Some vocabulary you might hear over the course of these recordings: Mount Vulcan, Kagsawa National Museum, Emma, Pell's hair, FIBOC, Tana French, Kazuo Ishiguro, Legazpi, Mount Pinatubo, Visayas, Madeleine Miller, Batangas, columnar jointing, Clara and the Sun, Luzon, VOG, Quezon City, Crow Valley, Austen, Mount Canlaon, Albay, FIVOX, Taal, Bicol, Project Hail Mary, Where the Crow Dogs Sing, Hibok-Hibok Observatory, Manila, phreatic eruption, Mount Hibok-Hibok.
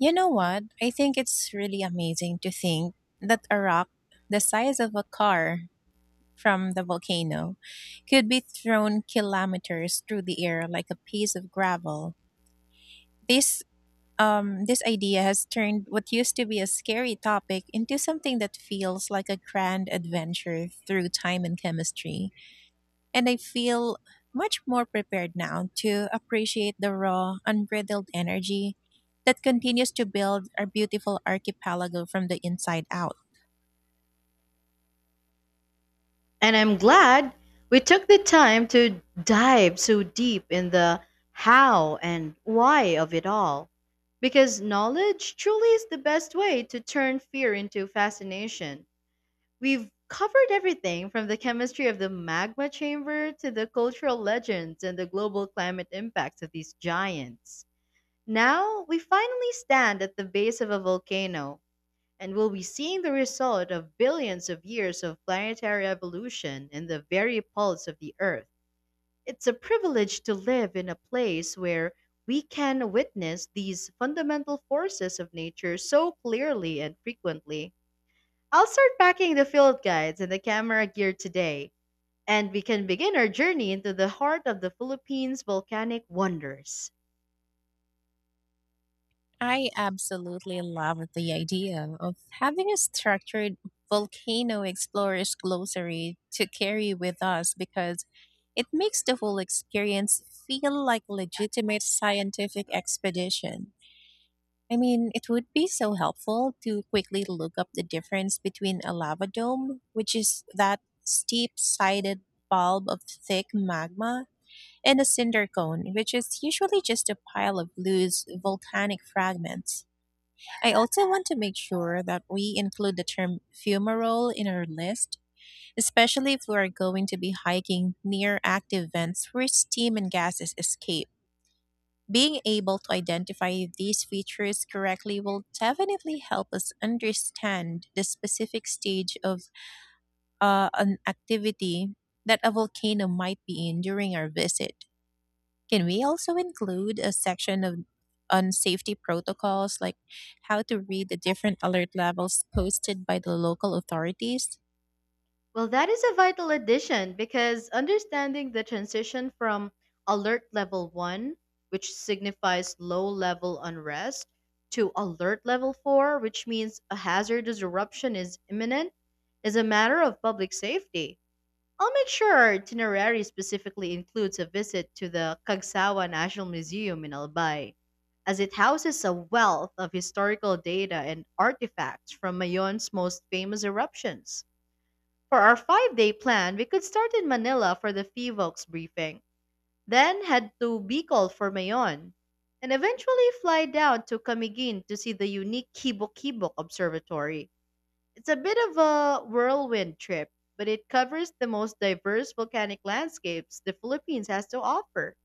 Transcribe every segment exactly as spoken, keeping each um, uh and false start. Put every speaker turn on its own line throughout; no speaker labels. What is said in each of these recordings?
You know what? I think it's really amazing to think that a rock the size of a car from the volcano could be thrown kilometers through the air like a piece of gravel. This um, this idea has turned what used to be a scary topic into something that feels like a grand adventure through time and chemistry. And I feel much more prepared now to appreciate the raw, unbridled energy that continues to build our beautiful archipelago from the inside out.
And I'm glad we took the time to dive so deep in the how and why of it all. Because knowledge truly is the best way to turn fear into fascination. We've covered everything from the chemistry of the magma chamber to the cultural legends and the global climate impacts of these giants. Now we finally stand at the base of a volcano, and we'll be seeing the result of billions of years of planetary evolution in the very pulse of the Earth. It's a privilege to live in a place where we can witness these fundamental forces of nature so clearly and frequently. I'll start packing the field guides and the camera gear today, and we can begin our journey into the heart of the Philippines' volcanic wonders.
I absolutely love the idea of having a structured Volcano Explorer's Glossary to carry with us because it makes the whole experience feel like a legitimate scientific expedition. I mean, it would be so helpful to quickly look up the difference between a lava dome, which is that steep sided bulb of thick magma, and a cinder cone, which is usually just a pile of loose volcanic fragments. I also want to make sure that we include the term fumarole in our list, especially if we are going to be hiking near active vents where steam and gases escape. Being able to identify these features correctly will definitely help us understand the specific stage of uh, an activity that a volcano might be in during our visit. Can we also include a section of on safety protocols like how to read the different alert levels posted by the local authorities?
Well, that is a vital addition because understanding the transition from alert level one, which signifies low level unrest, to alert level four, which means a hazardous eruption is imminent, is a matter of public safety. I'll make sure our itinerary specifically includes a visit to the Kagsawa National Museum in Albay, as it houses a wealth of historical data and artifacts from Mayon's most famous eruptions. For our five day plan, we could start in Manila for the F I V O X briefing, then head to Bicol for Mayon, and eventually fly down to Camiguin to see the unique Kibok-Kibok Observatory. It's a bit of a whirlwind trip, but it covers the most diverse volcanic landscapes the Philippines has to offer.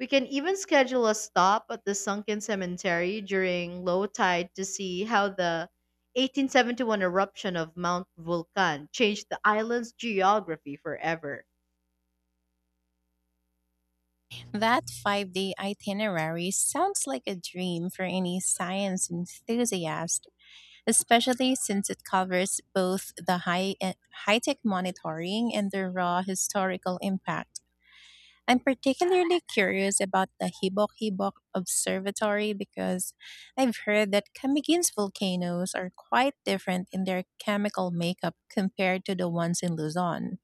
We can even schedule a stop at the sunken cemetery during low tide to see how the eighteen seventy-one eruption of Mount Vulcan changed the island's geography forever.
That five day itinerary sounds like a dream for any science enthusiast, especially since it covers both the high high tech monitoring and the raw historical impact. I'm particularly curious about the Hibok Hibok Observatory because I've heard that Kamigin's volcanoes are quite different in their chemical makeup compared to the ones in Luzon.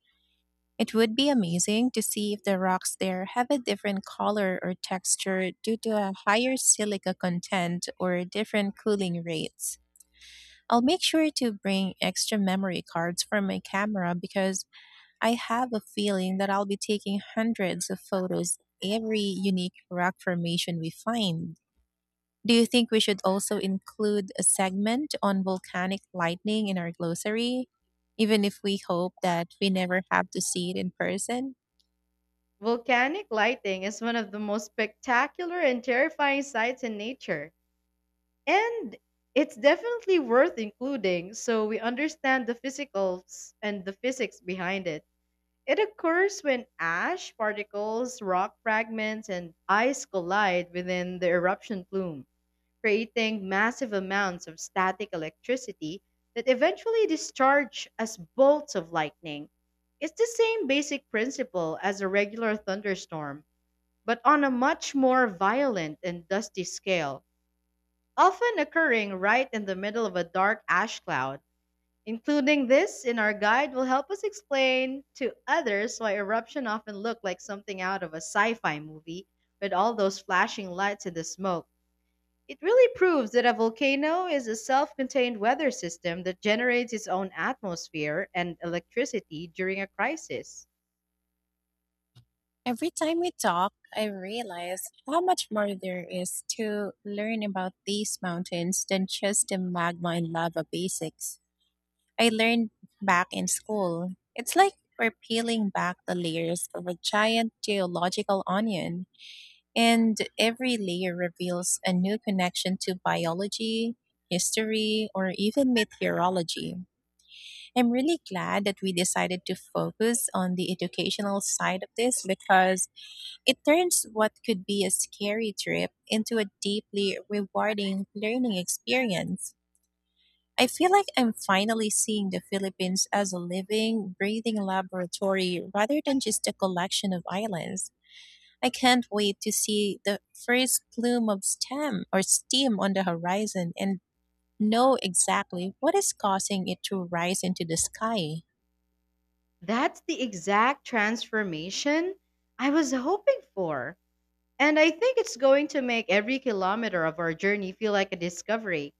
It would be amazing to see if the rocks there have a different color or texture due to a higher silica content or different cooling rates. I'll make sure to bring extra memory cards for my camera because I have a feeling that I'll be taking hundreds of photos every unique rock formation we find. Do you think we should also include a segment on volcanic lightning in our glossary, even if we hope that we never have to see it in person?
Volcanic lighting is one of the most spectacular and terrifying sights in nature, and it's definitely worth including so we understand the physicals and the physics behind it. It occurs when ash particles, rock fragments, and ice collide within the eruption plume, creating massive amounts of static electricity that eventually discharge as bolts of lightning. It's the same basic principle as a regular thunderstorm, but on a much more violent and dusty scale, often occurring right in the middle of a dark ash cloud. Including this in our guide will help us explain to others why eruption often look like something out of a sci-fi movie with all those flashing lights and the smoke. It really proves that a volcano is a self-contained weather system that generates its own atmosphere and electricity during a crisis.
Every time we talk, I realize how much more there is to learn about these mountains than just the magma and lava basics I learned back in school. It's like we're peeling back the layers of a giant geological onion, and every layer reveals a new connection to biology, history, or even meteorology. I'm really glad that we decided to focus on the educational side of this because it turns what could be a scary trip into a deeply rewarding learning experience. I feel like I'm finally seeing the Philippines as a living, breathing laboratory rather than just a collection of islands. I can't wait to see the first plume of stem or steam on the horizon and know exactly what is causing it to rise into the sky.
That's the exact transformation I was hoping for. And I think it's going to make every kilometer of our journey feel like a discovery.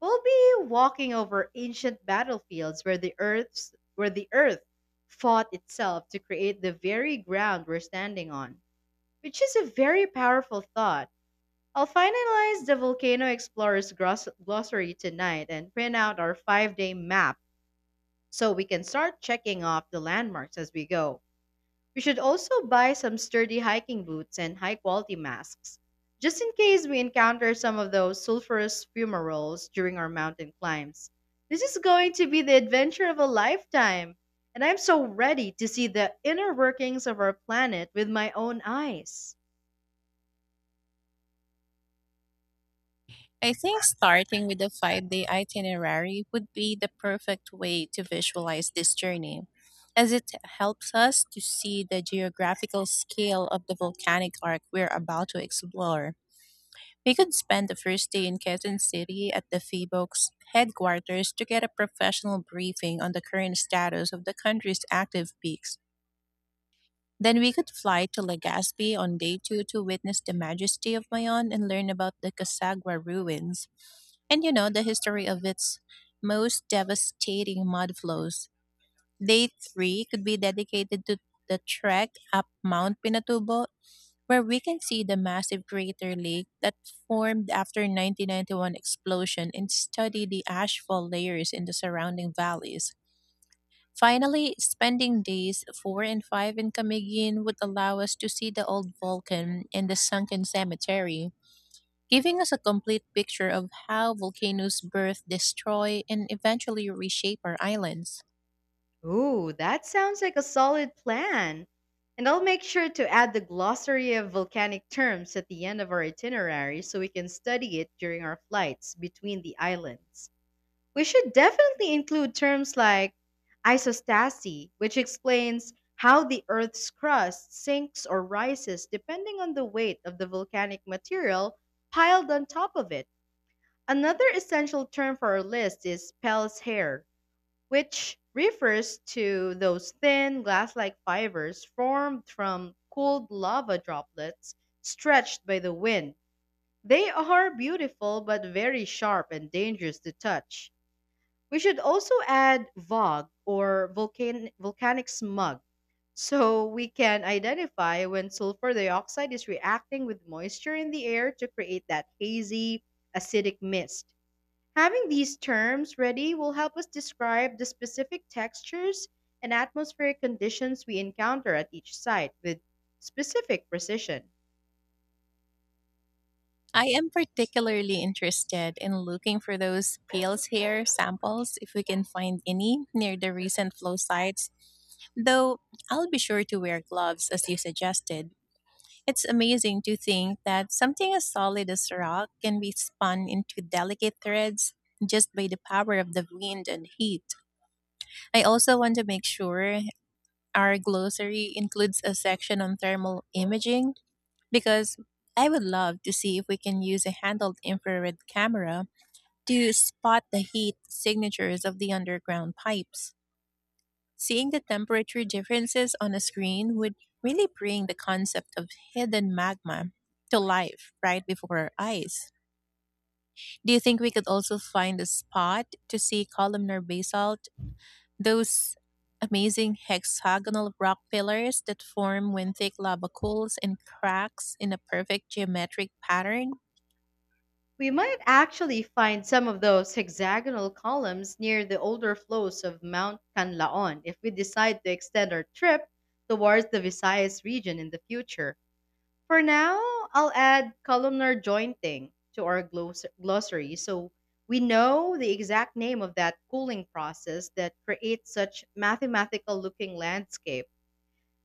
We'll be walking over ancient battlefields where the earth's where the earth fought itself to create the very ground we're standing on, which is a very powerful thought. I'll finalize the Volcano Explorer's gross- glossary tonight and print out our five-day map so we can start checking off the landmarks as we go. We should also buy some sturdy hiking boots and high quality masks, just in case we encounter some of those sulfurous fumaroles during our mountain climbs. This is going to be the adventure of a lifetime, and I'm so ready to see the inner workings of our planet with my own eyes.
I think starting with a five day itinerary would be the perfect way to visualize this journey, as it helps us to see the geographical scale of the volcanic arc we're about to explore. We could spend the first day in Quezon City at the F I B O C's headquarters to get a professional briefing on the current status of the country's active peaks. Then we could fly to Legazpi on day two to witness the majesty of Mayon and learn about the Casagua ruins and, you know, the history of its most devastating mudflows. Day three could be dedicated to the trek up Mount Pinatubo, where we can see the massive crater lake that formed after nineteen ninety-one explosion and study the ashfall layers in the surrounding valleys. Finally, spending days four and five in Camiguin would allow us to see the old volcan and the sunken cemetery, giving us a complete picture of how volcanoes birth, destroy, and eventually reshape our islands.
Ooh, that sounds like a solid plan. And I'll make sure to add the glossary of volcanic terms at the end of our itinerary so we can study it during our flights between the islands. We should definitely include terms like isostasy, which explains how the Earth's crust sinks or rises depending on the weight of the volcanic material piled on top of it. Another essential term for our list is Pell's hair, which refers to those thin, glass like fibers formed from cooled lava droplets stretched by the wind. They are beautiful but very sharp and dangerous to touch. We should also add VOG or volcan- volcanic smog so we can identify when sulfur dioxide is reacting with moisture in the air to create that hazy, acidic mist. Having these terms ready will help us describe the specific textures and atmospheric conditions we encounter at each site with specific precision.
I am particularly interested in looking for those pale hair samples if we can find any near the recent flow sites, though I'll be sure to wear gloves as you suggested. It's amazing to think that something as solid as rock can be spun into delicate threads just by the power of the wind and heat. I also want to make sure our glossary includes a section on thermal imaging because I would love to see if we can use a handheld infrared camera to spot the heat signatures of the underground pipes. Seeing the temperature differences on a screen would really bring the concept of hidden magma to life right before our eyes. Do you think we could also find a spot to see columnar basalt, those amazing hexagonal rock pillars that form when thick lava cools and cracks in a perfect geometric pattern?
We might actually find some of those hexagonal columns near the older flows of Mount Canlaon if we decide to extend our trip towards the Visayas region in the future. For now, I'll add columnar jointing to our glos- glossary so we know the exact name of that cooling process that creates such mathematical looking landscape.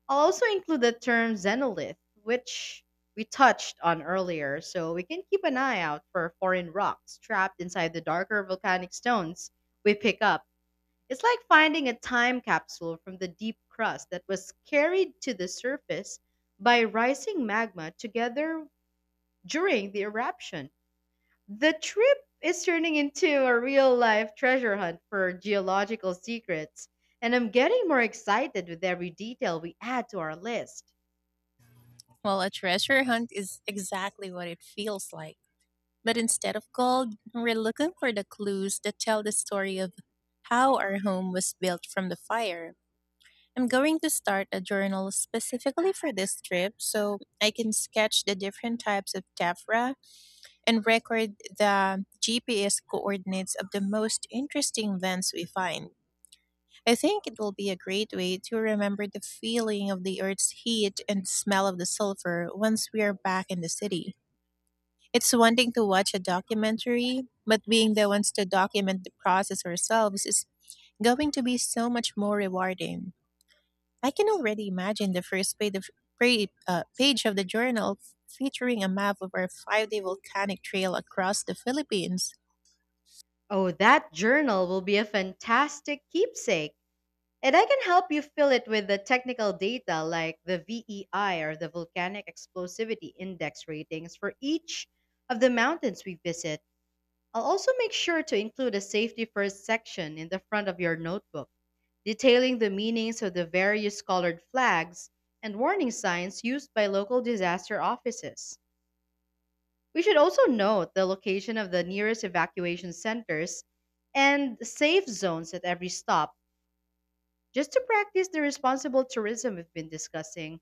I'll also include the term xenolith, which we touched on earlier, so we can keep an eye out for foreign rocks trapped inside the darker volcanic stones we pick up. It's like finding a time capsule from the deep crust that was carried to the surface by rising magma together during the eruption. The trip is turning into a real life treasure hunt for geological secrets, and I'm getting more excited with every detail we add to our list.
Well, a treasure hunt is exactly what it feels like. But instead of gold, we're looking for the clues that tell the story of how our home was built from the fire. I'm going to start a journal specifically for this trip so I can sketch the different types of tephra and record the G P S coordinates of the most interesting vents we find. I think it will be a great way to remember the feeling of the earth's heat and smell of the sulfur once we are back in the city. It's one thing to watch a documentary, but being the ones to document the process ourselves is going to be so much more rewarding. I can already imagine the first page of, pra- uh, page of the journal featuring a map of our five day volcanic trail across the Philippines,
Oh, that journal will be a fantastic keepsake. And I can help you fill it with the technical data like the V E I or the Volcanic Explosivity Index ratings for each of the mountains we visit. I'll also make sure to include a safety first section in the front of your notebook, detailing the meanings of the various colored flags and warning signs used by local disaster offices. We should also note the location of the nearest evacuation centers and safe zones at every stop, just to practice the responsible tourism we've been discussing.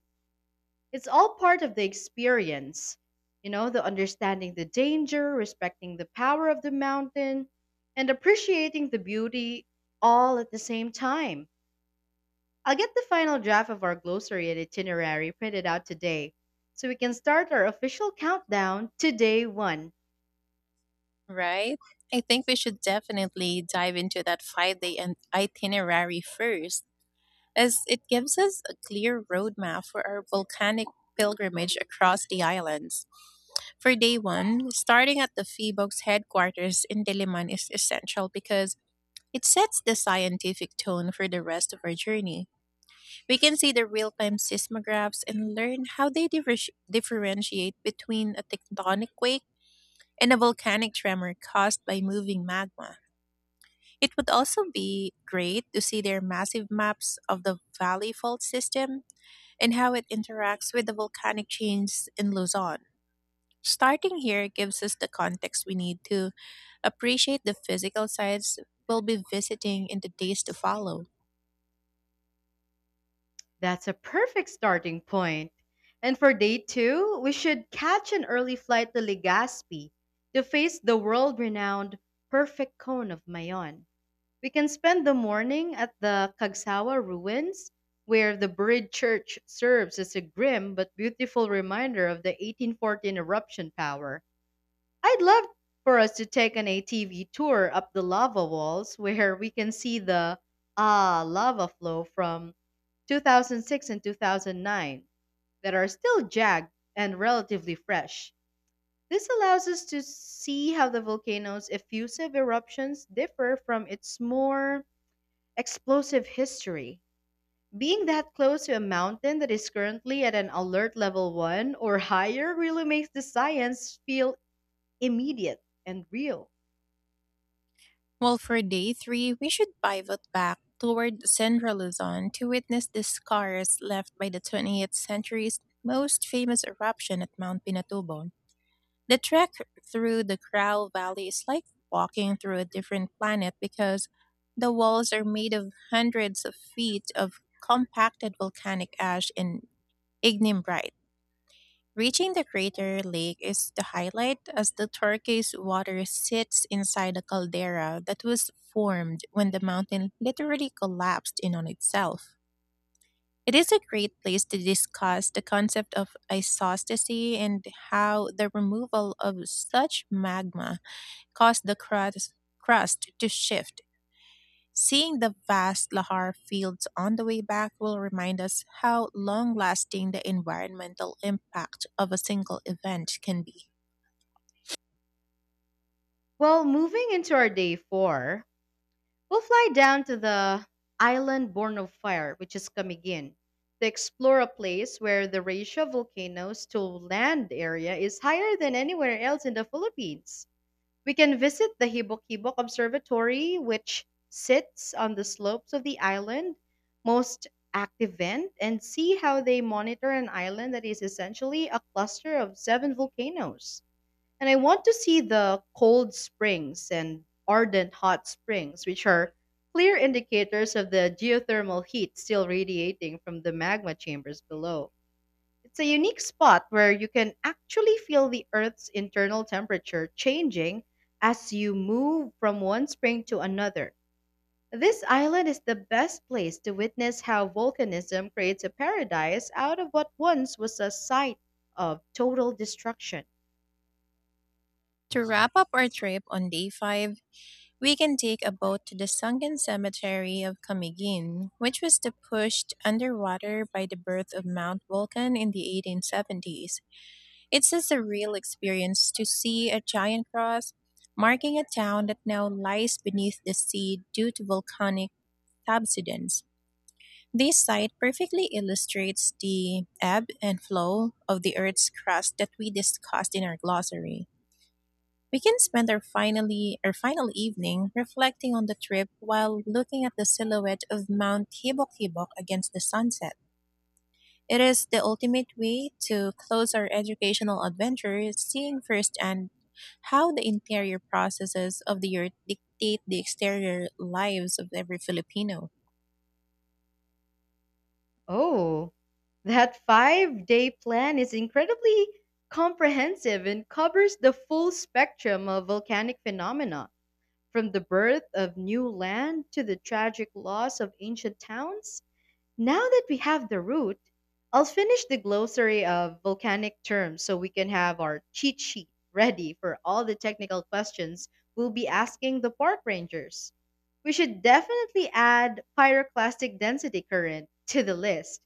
It's all part of the experience. You know, the understanding the danger, respecting the power of the mountain, and appreciating the beauty all at the same time. I'll get the final draft of our glossary and itinerary printed out today so we can start our official countdown to day one.
right? I think we should definitely dive into that five day and itinerary first, as it gives us a clear roadmap for our volcanic pilgrimage across the islands. For day one, starting at the PHIBOX headquarters in Diliman is essential because it sets the scientific tone for the rest of our journey. We can see the real time seismographs and learn how they differ- differentiate between a tectonic quake and a volcanic tremor caused by moving magma. It would also be great to see their massive maps of the valley fault system and how it interacts with the volcanic chains in Luzon. Starting here gives us the context we need to appreciate the physical sites we'll be visiting in the days to follow.
That's a perfect starting point. And for day two, we should catch an early flight to Legazpi to face the world renowned Perfect Cone of Mayon. We can spend the morning at the Kagsawa ruins, where the buried church serves as a grim but beautiful reminder of the eighteen fourteen eruption power. I'd love for us to take an A T V tour up the lava walls where we can see the ah lava flow from two thousand six and two thousand nine that are still jagged and relatively fresh. This allows us to see how the volcano's effusive eruptions differ from its more explosive history. Being that close to a mountain that is currently at an alert level one or higher really makes the science feel immediate and real.
Well, for day three, we should pivot back toward central Luzon to witness the scars left by the twentieth century's most famous eruption at Mount Pinatubo. The trek through the Crow Valley is like walking through a different planet because the walls are made of hundreds of feet of compacted volcanic ash and ignimbrite. Reaching the crater lake is the highlight as the turquoise water sits inside a caldera that was formed when the mountain literally collapsed in on itself. It is a great place to discuss the concept of isostasy and how the removal of such magma caused the crust, crust to shift. Seeing the vast lahar fields on the way back will remind us how long lasting the environmental impact of a single event can be.
Well, moving into our day four, we'll fly down to the island born of fire, which is Camiguin, to explore a place where the ratio of volcanoes to land area is higher than anywhere else in the Philippines. We can visit the Hibok-Hibok Observatory, which sits on the slopes of the island, most active vent, and see how they monitor an island that is essentially a cluster of seven volcanoes. And I want to see the cold springs and ardent hot springs, which are clear indicators of the geothermal heat still radiating from the magma chambers below. It's a unique spot where you can actually feel the Earth's internal temperature changing as you move from one spring to another. This island is the best place to witness how volcanism creates a paradise out of what once was a site of total destruction.
To wrap up our trip on day five, we can take a boat to the sunken cemetery of Camiguin, which was the pushed underwater by the birth of Mount Vulcan in the eighteen seventies. It's a surreal experience to see a giant cross marking a town that now lies beneath the sea due to volcanic subsidence. This site perfectly illustrates the ebb and flow of the Earth's crust that we discussed in our glossary. We can spend our finally our final evening reflecting on the trip while looking at the silhouette of Mount Hibok-Hibok against the sunset. It is the ultimate way to close our educational adventure, seeing firsthand how the interior processes of the earth dictate the exterior lives of every Filipino.
Oh, that five day plan is incredibly comprehensive and covers the full spectrum of volcanic phenomena, from the birth of new land to the tragic loss of ancient towns. Now that we have the root, I'll finish the glossary of volcanic terms so we can have our cheat sheet ready for all the technical questions we'll be asking the park rangers. We should definitely add pyroclastic density current to the list,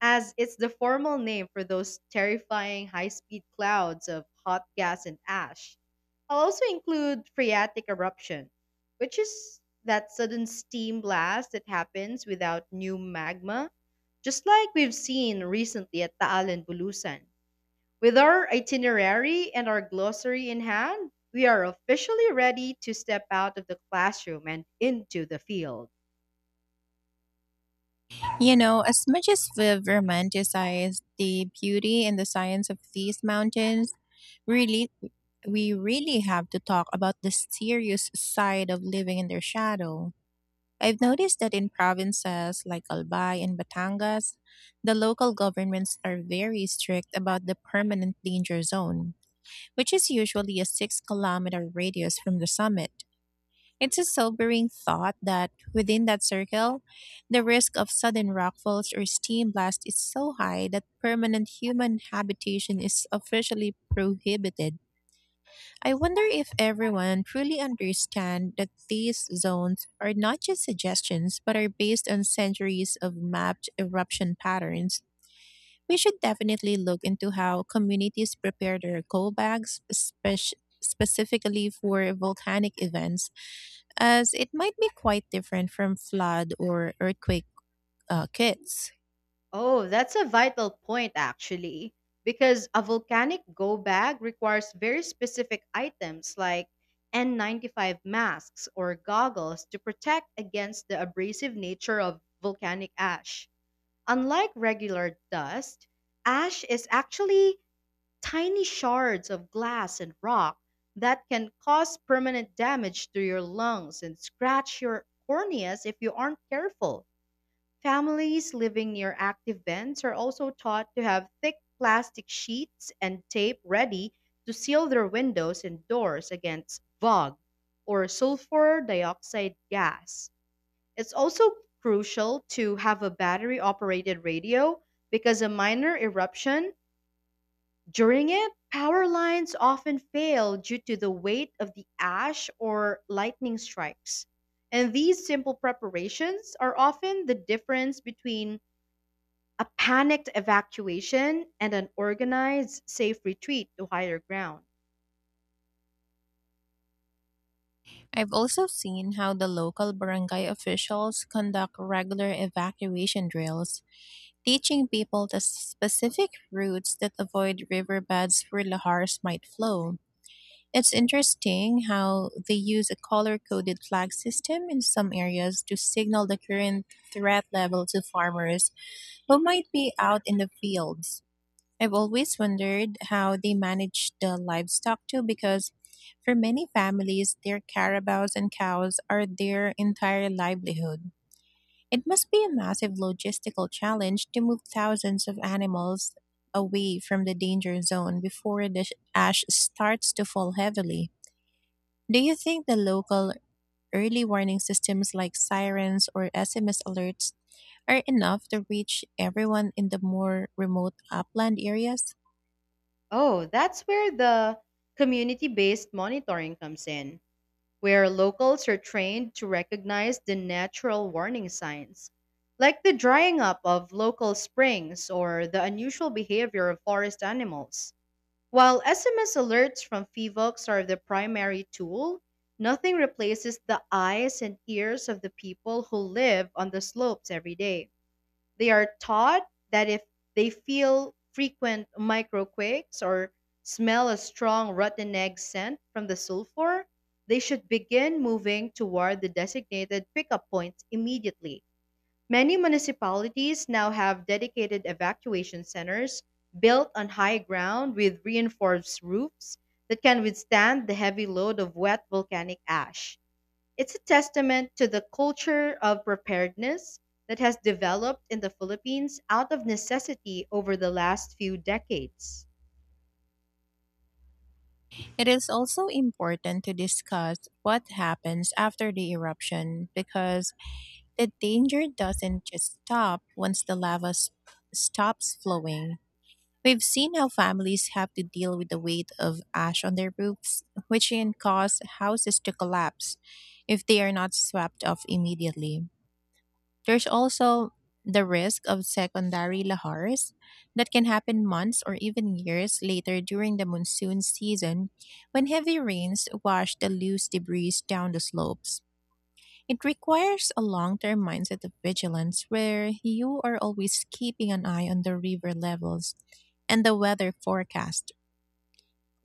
as it's the formal name for those terrifying high speed clouds of hot gas and ash. I'll also include phreatic eruption, which is that sudden steam blast that happens without new magma, just like we've seen recently at Taal and Bulusan. With our itinerary and our glossary in hand, we are officially ready to step out of the classroom and into the field.
You know, as much as we've romanticized the beauty and the science of these mountains, really, we really have to talk about the serious side of living in their shadow. I've noticed that in provinces like Albay and Batangas, the local governments are very strict about the permanent danger zone, which is usually a six kilometer radius from the summit. It's a sobering thought that within that circle, the risk of sudden rockfalls or steam blast is so high that permanent human habitation is officially prohibited. I wonder if everyone truly understands that these zones are not just suggestions but are based on centuries of mapped eruption patterns. We should definitely look into how communities prepare their coal bags, spec- specifically for volcanic events, as it might be quite different from flood or earthquake uh, kits.
Oh, that's a vital point, actually, because a volcanic go bag requires very specific items like N ninety-five masks or goggles to protect against the abrasive nature of volcanic ash. Unlike regular dust, ash is actually tiny shards of glass and rock that can cause permanent damage to your lungs and scratch your corneas if you aren't careful. Families living near active vents are also taught to have thick plastic sheets and tape ready to seal their windows and doors against VOG or sulfur dioxide gas. It's also crucial to have a battery operated radio because a minor eruption during it, power lines often fail due to the weight of the ash or lightning strikes. And these simple preparations are often the difference between a panicked evacuation and an organized, safe retreat to higher ground.
I've also seen how the local barangay officials conduct regular evacuation drills, teaching people the specific routes that avoid riverbeds where lahars might flow. It's interesting how they use a color coded flag system in some areas to signal the current threat level to farmers who might be out in the fields. I've always wondered how they manage the livestock too, because for many families, their carabaos and cows are their entire livelihood. It must be a massive logistical challenge to move thousands of animals away from the danger zone before the ash starts to fall heavily. Do you think the local early warning systems like sirens or S M S alerts are enough to reach everyone in the more remote upland areas?
Oh, that's where the community based monitoring comes in, where locals are trained to recognize the natural warning signs, like the drying up of local springs or the unusual behavior of forest animals. While S M S alerts from F I V O X are the primary tool, nothing replaces the eyes and ears of the people who live on the slopes every day. They are taught that if they feel frequent microquakes or smell a strong rotten egg scent from the sulfur, they should begin moving toward the designated pickup points immediately. Many municipalities now have dedicated evacuation centers built on high ground with reinforced roofs that can withstand the heavy load of wet volcanic ash. It's a testament to the culture of preparedness that has developed in the Philippines out of necessity over the last few decades.
It is also important to discuss what happens after the eruption, because the danger doesn't just stop once the lava s- stops flowing. We've seen how families have to deal with the weight of ash on their roofs, which can cause houses to collapse if they are not swept off immediately. There's also the risk of secondary lahars that can happen months or even years later during the monsoon season, when heavy rains wash the loose debris down the slopes. It requires a long term mindset of vigilance, where you are always keeping an eye on the river levels and the weather forecast.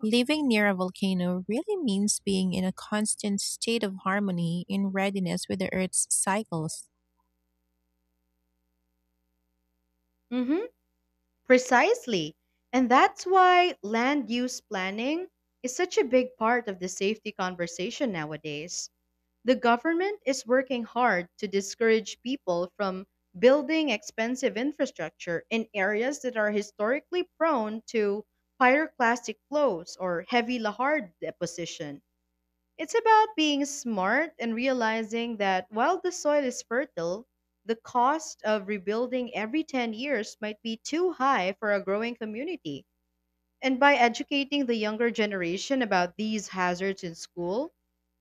Living near a volcano really means being in a constant state of harmony in readiness with the Earth's cycles.
hmm Precisely. And that's why land use planning is such a big part of the safety conversation nowadays. The government is working hard to discourage people from building expensive infrastructure in areas that are historically prone to pyroclastic flows or heavy lahar deposition. It's about being smart and realizing that while the soil is fertile, the cost of rebuilding every ten years might be too high for a growing community. And by educating the younger generation about these hazards in school,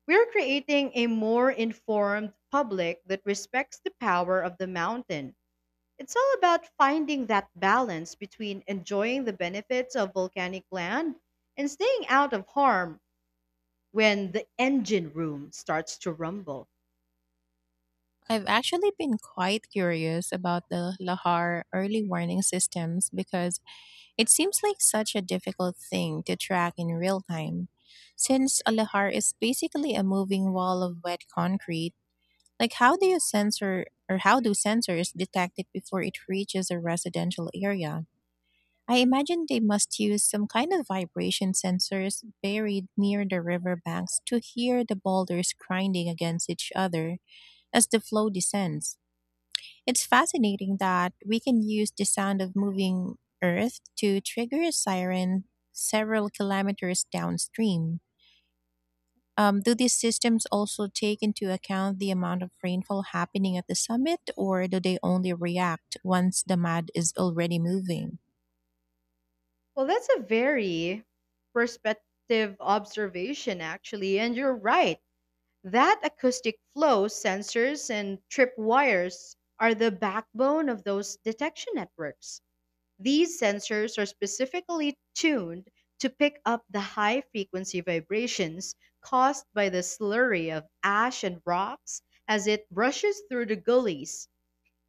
we're creating a more informed public that respects the power of the mountain. It's all about finding that balance between enjoying the benefits of volcanic land and staying out of harm when the engine room starts to rumble.
I've actually been quite curious about the Lahar early warning systems, because it seems like such a difficult thing to track in real time. Since a Lahar is basically a moving wall of wet concrete, like, how do you sensor, or how do sensors detect it before it reaches a residential area? I imagine they must use some kind of vibration sensors buried near the riverbanks to hear the boulders grinding against each other as the flow descends. It's fascinating that we can use the sound of moving earth to trigger a siren several kilometers downstream. Um, do these systems also take into account the amount of rainfall happening at the summit, or do they only react once the mud is already moving?
Well, that's a very perspective observation, actually. And you're right. That acoustic flow sensors and trip wires are the backbone of those detection networks. These sensors are specifically tuned to pick up the high frequency vibrations caused by the slurry of ash and rocks as it rushes through the gullies.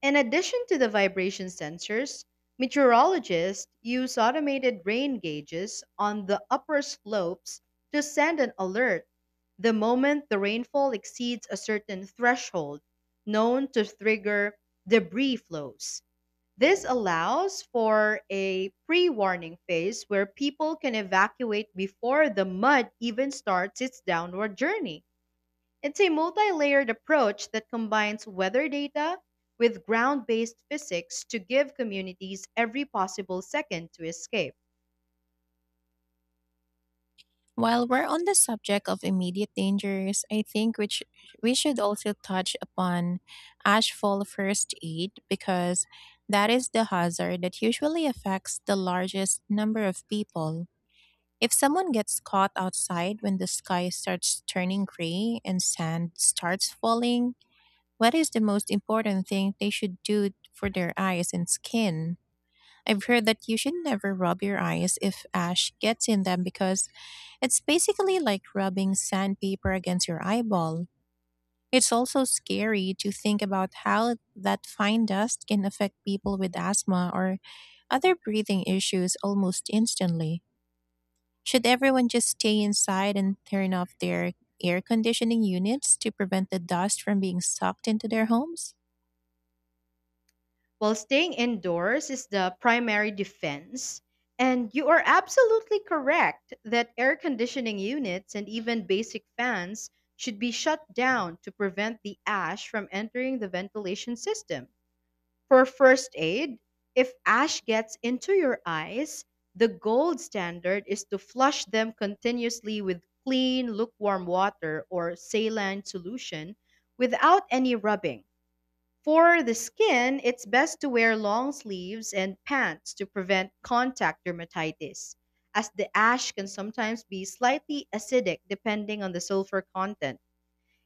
In addition to the vibration sensors, meteorologists use automated rain gauges on the upper slopes to send an alert the moment the rainfall exceeds a certain threshold known to trigger debris flows. This allows for a pre warning phase where people can evacuate before the mud even starts its downward journey. It's a multi layered approach that combines weather data with ground based physics to give communities every possible second to escape.
While we're on the subject of immediate dangers, I think we, sh- we should also touch upon ashfall first aid, because that is the hazard that usually affects the largest number of people. If someone gets caught outside when the sky starts turning gray and sand starts falling, what is the most important thing they should do for their eyes and skin? I've heard that you should never rub your eyes if ash gets in them, because it's basically like rubbing sandpaper against your eyeball. It's also scary to think about how that fine dust can affect people with asthma or other breathing issues almost instantly. Should everyone just stay inside and turn off their air conditioning units to prevent the dust from being sucked into their homes?
While staying indoors is the primary defense, and you are absolutely correct that air conditioning units and even basic fans should be shut down to prevent the ash from entering the ventilation system. For first aid, if ash gets into your eyes, the gold standard is to flush them continuously with clean, lukewarm water or saline solution without any rubbing. For the skin, it's best to wear long sleeves and pants to prevent contact dermatitis, as the ash can sometimes be slightly acidic depending on the sulfur content.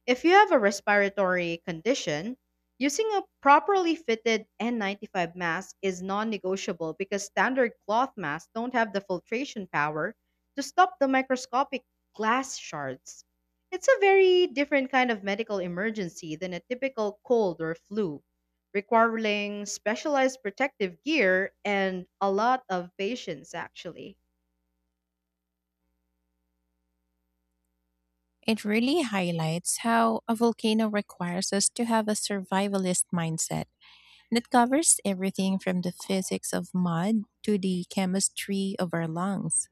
If you have a respiratory condition, using a properly fitted N ninety-five mask is non negotiable because standard cloth masks don't have the filtration power to stop the microscopic glass shards. It's a very different kind of medical emergency than a typical cold or flu, requiring specialized protective gear and a lot of patience, actually.
It really highlights how a volcano requires us to have a survivalist mindset. and It covers everything from the physics of mud to the chemistry of our lungs.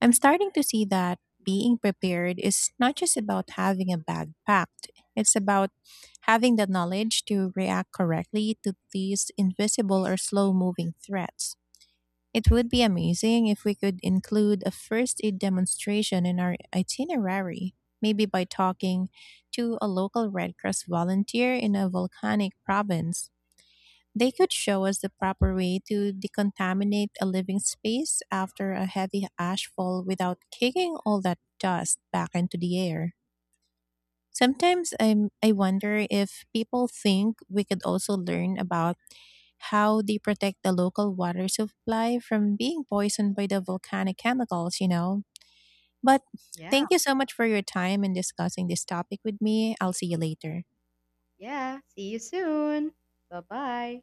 I'm starting to see that being prepared is not just about having a bag packed; it's about having the knowledge to react correctly to these invisible or slow moving threats. It would be amazing if we could include a first aid demonstration in our itinerary, maybe by talking to a local Red Cross volunteer in a volcanic province. They could show us the proper way to decontaminate a living space after a heavy ash fall without kicking all that dust back into the air. Sometimes I I wonder if people think we could also learn about how they protect the local water supply from being poisoned by the volcanic chemicals, you know. But
Yeah,
thank you so much for your time in discussing this topic with me. I'll see you later.
yeah. See you soon. Bye bye.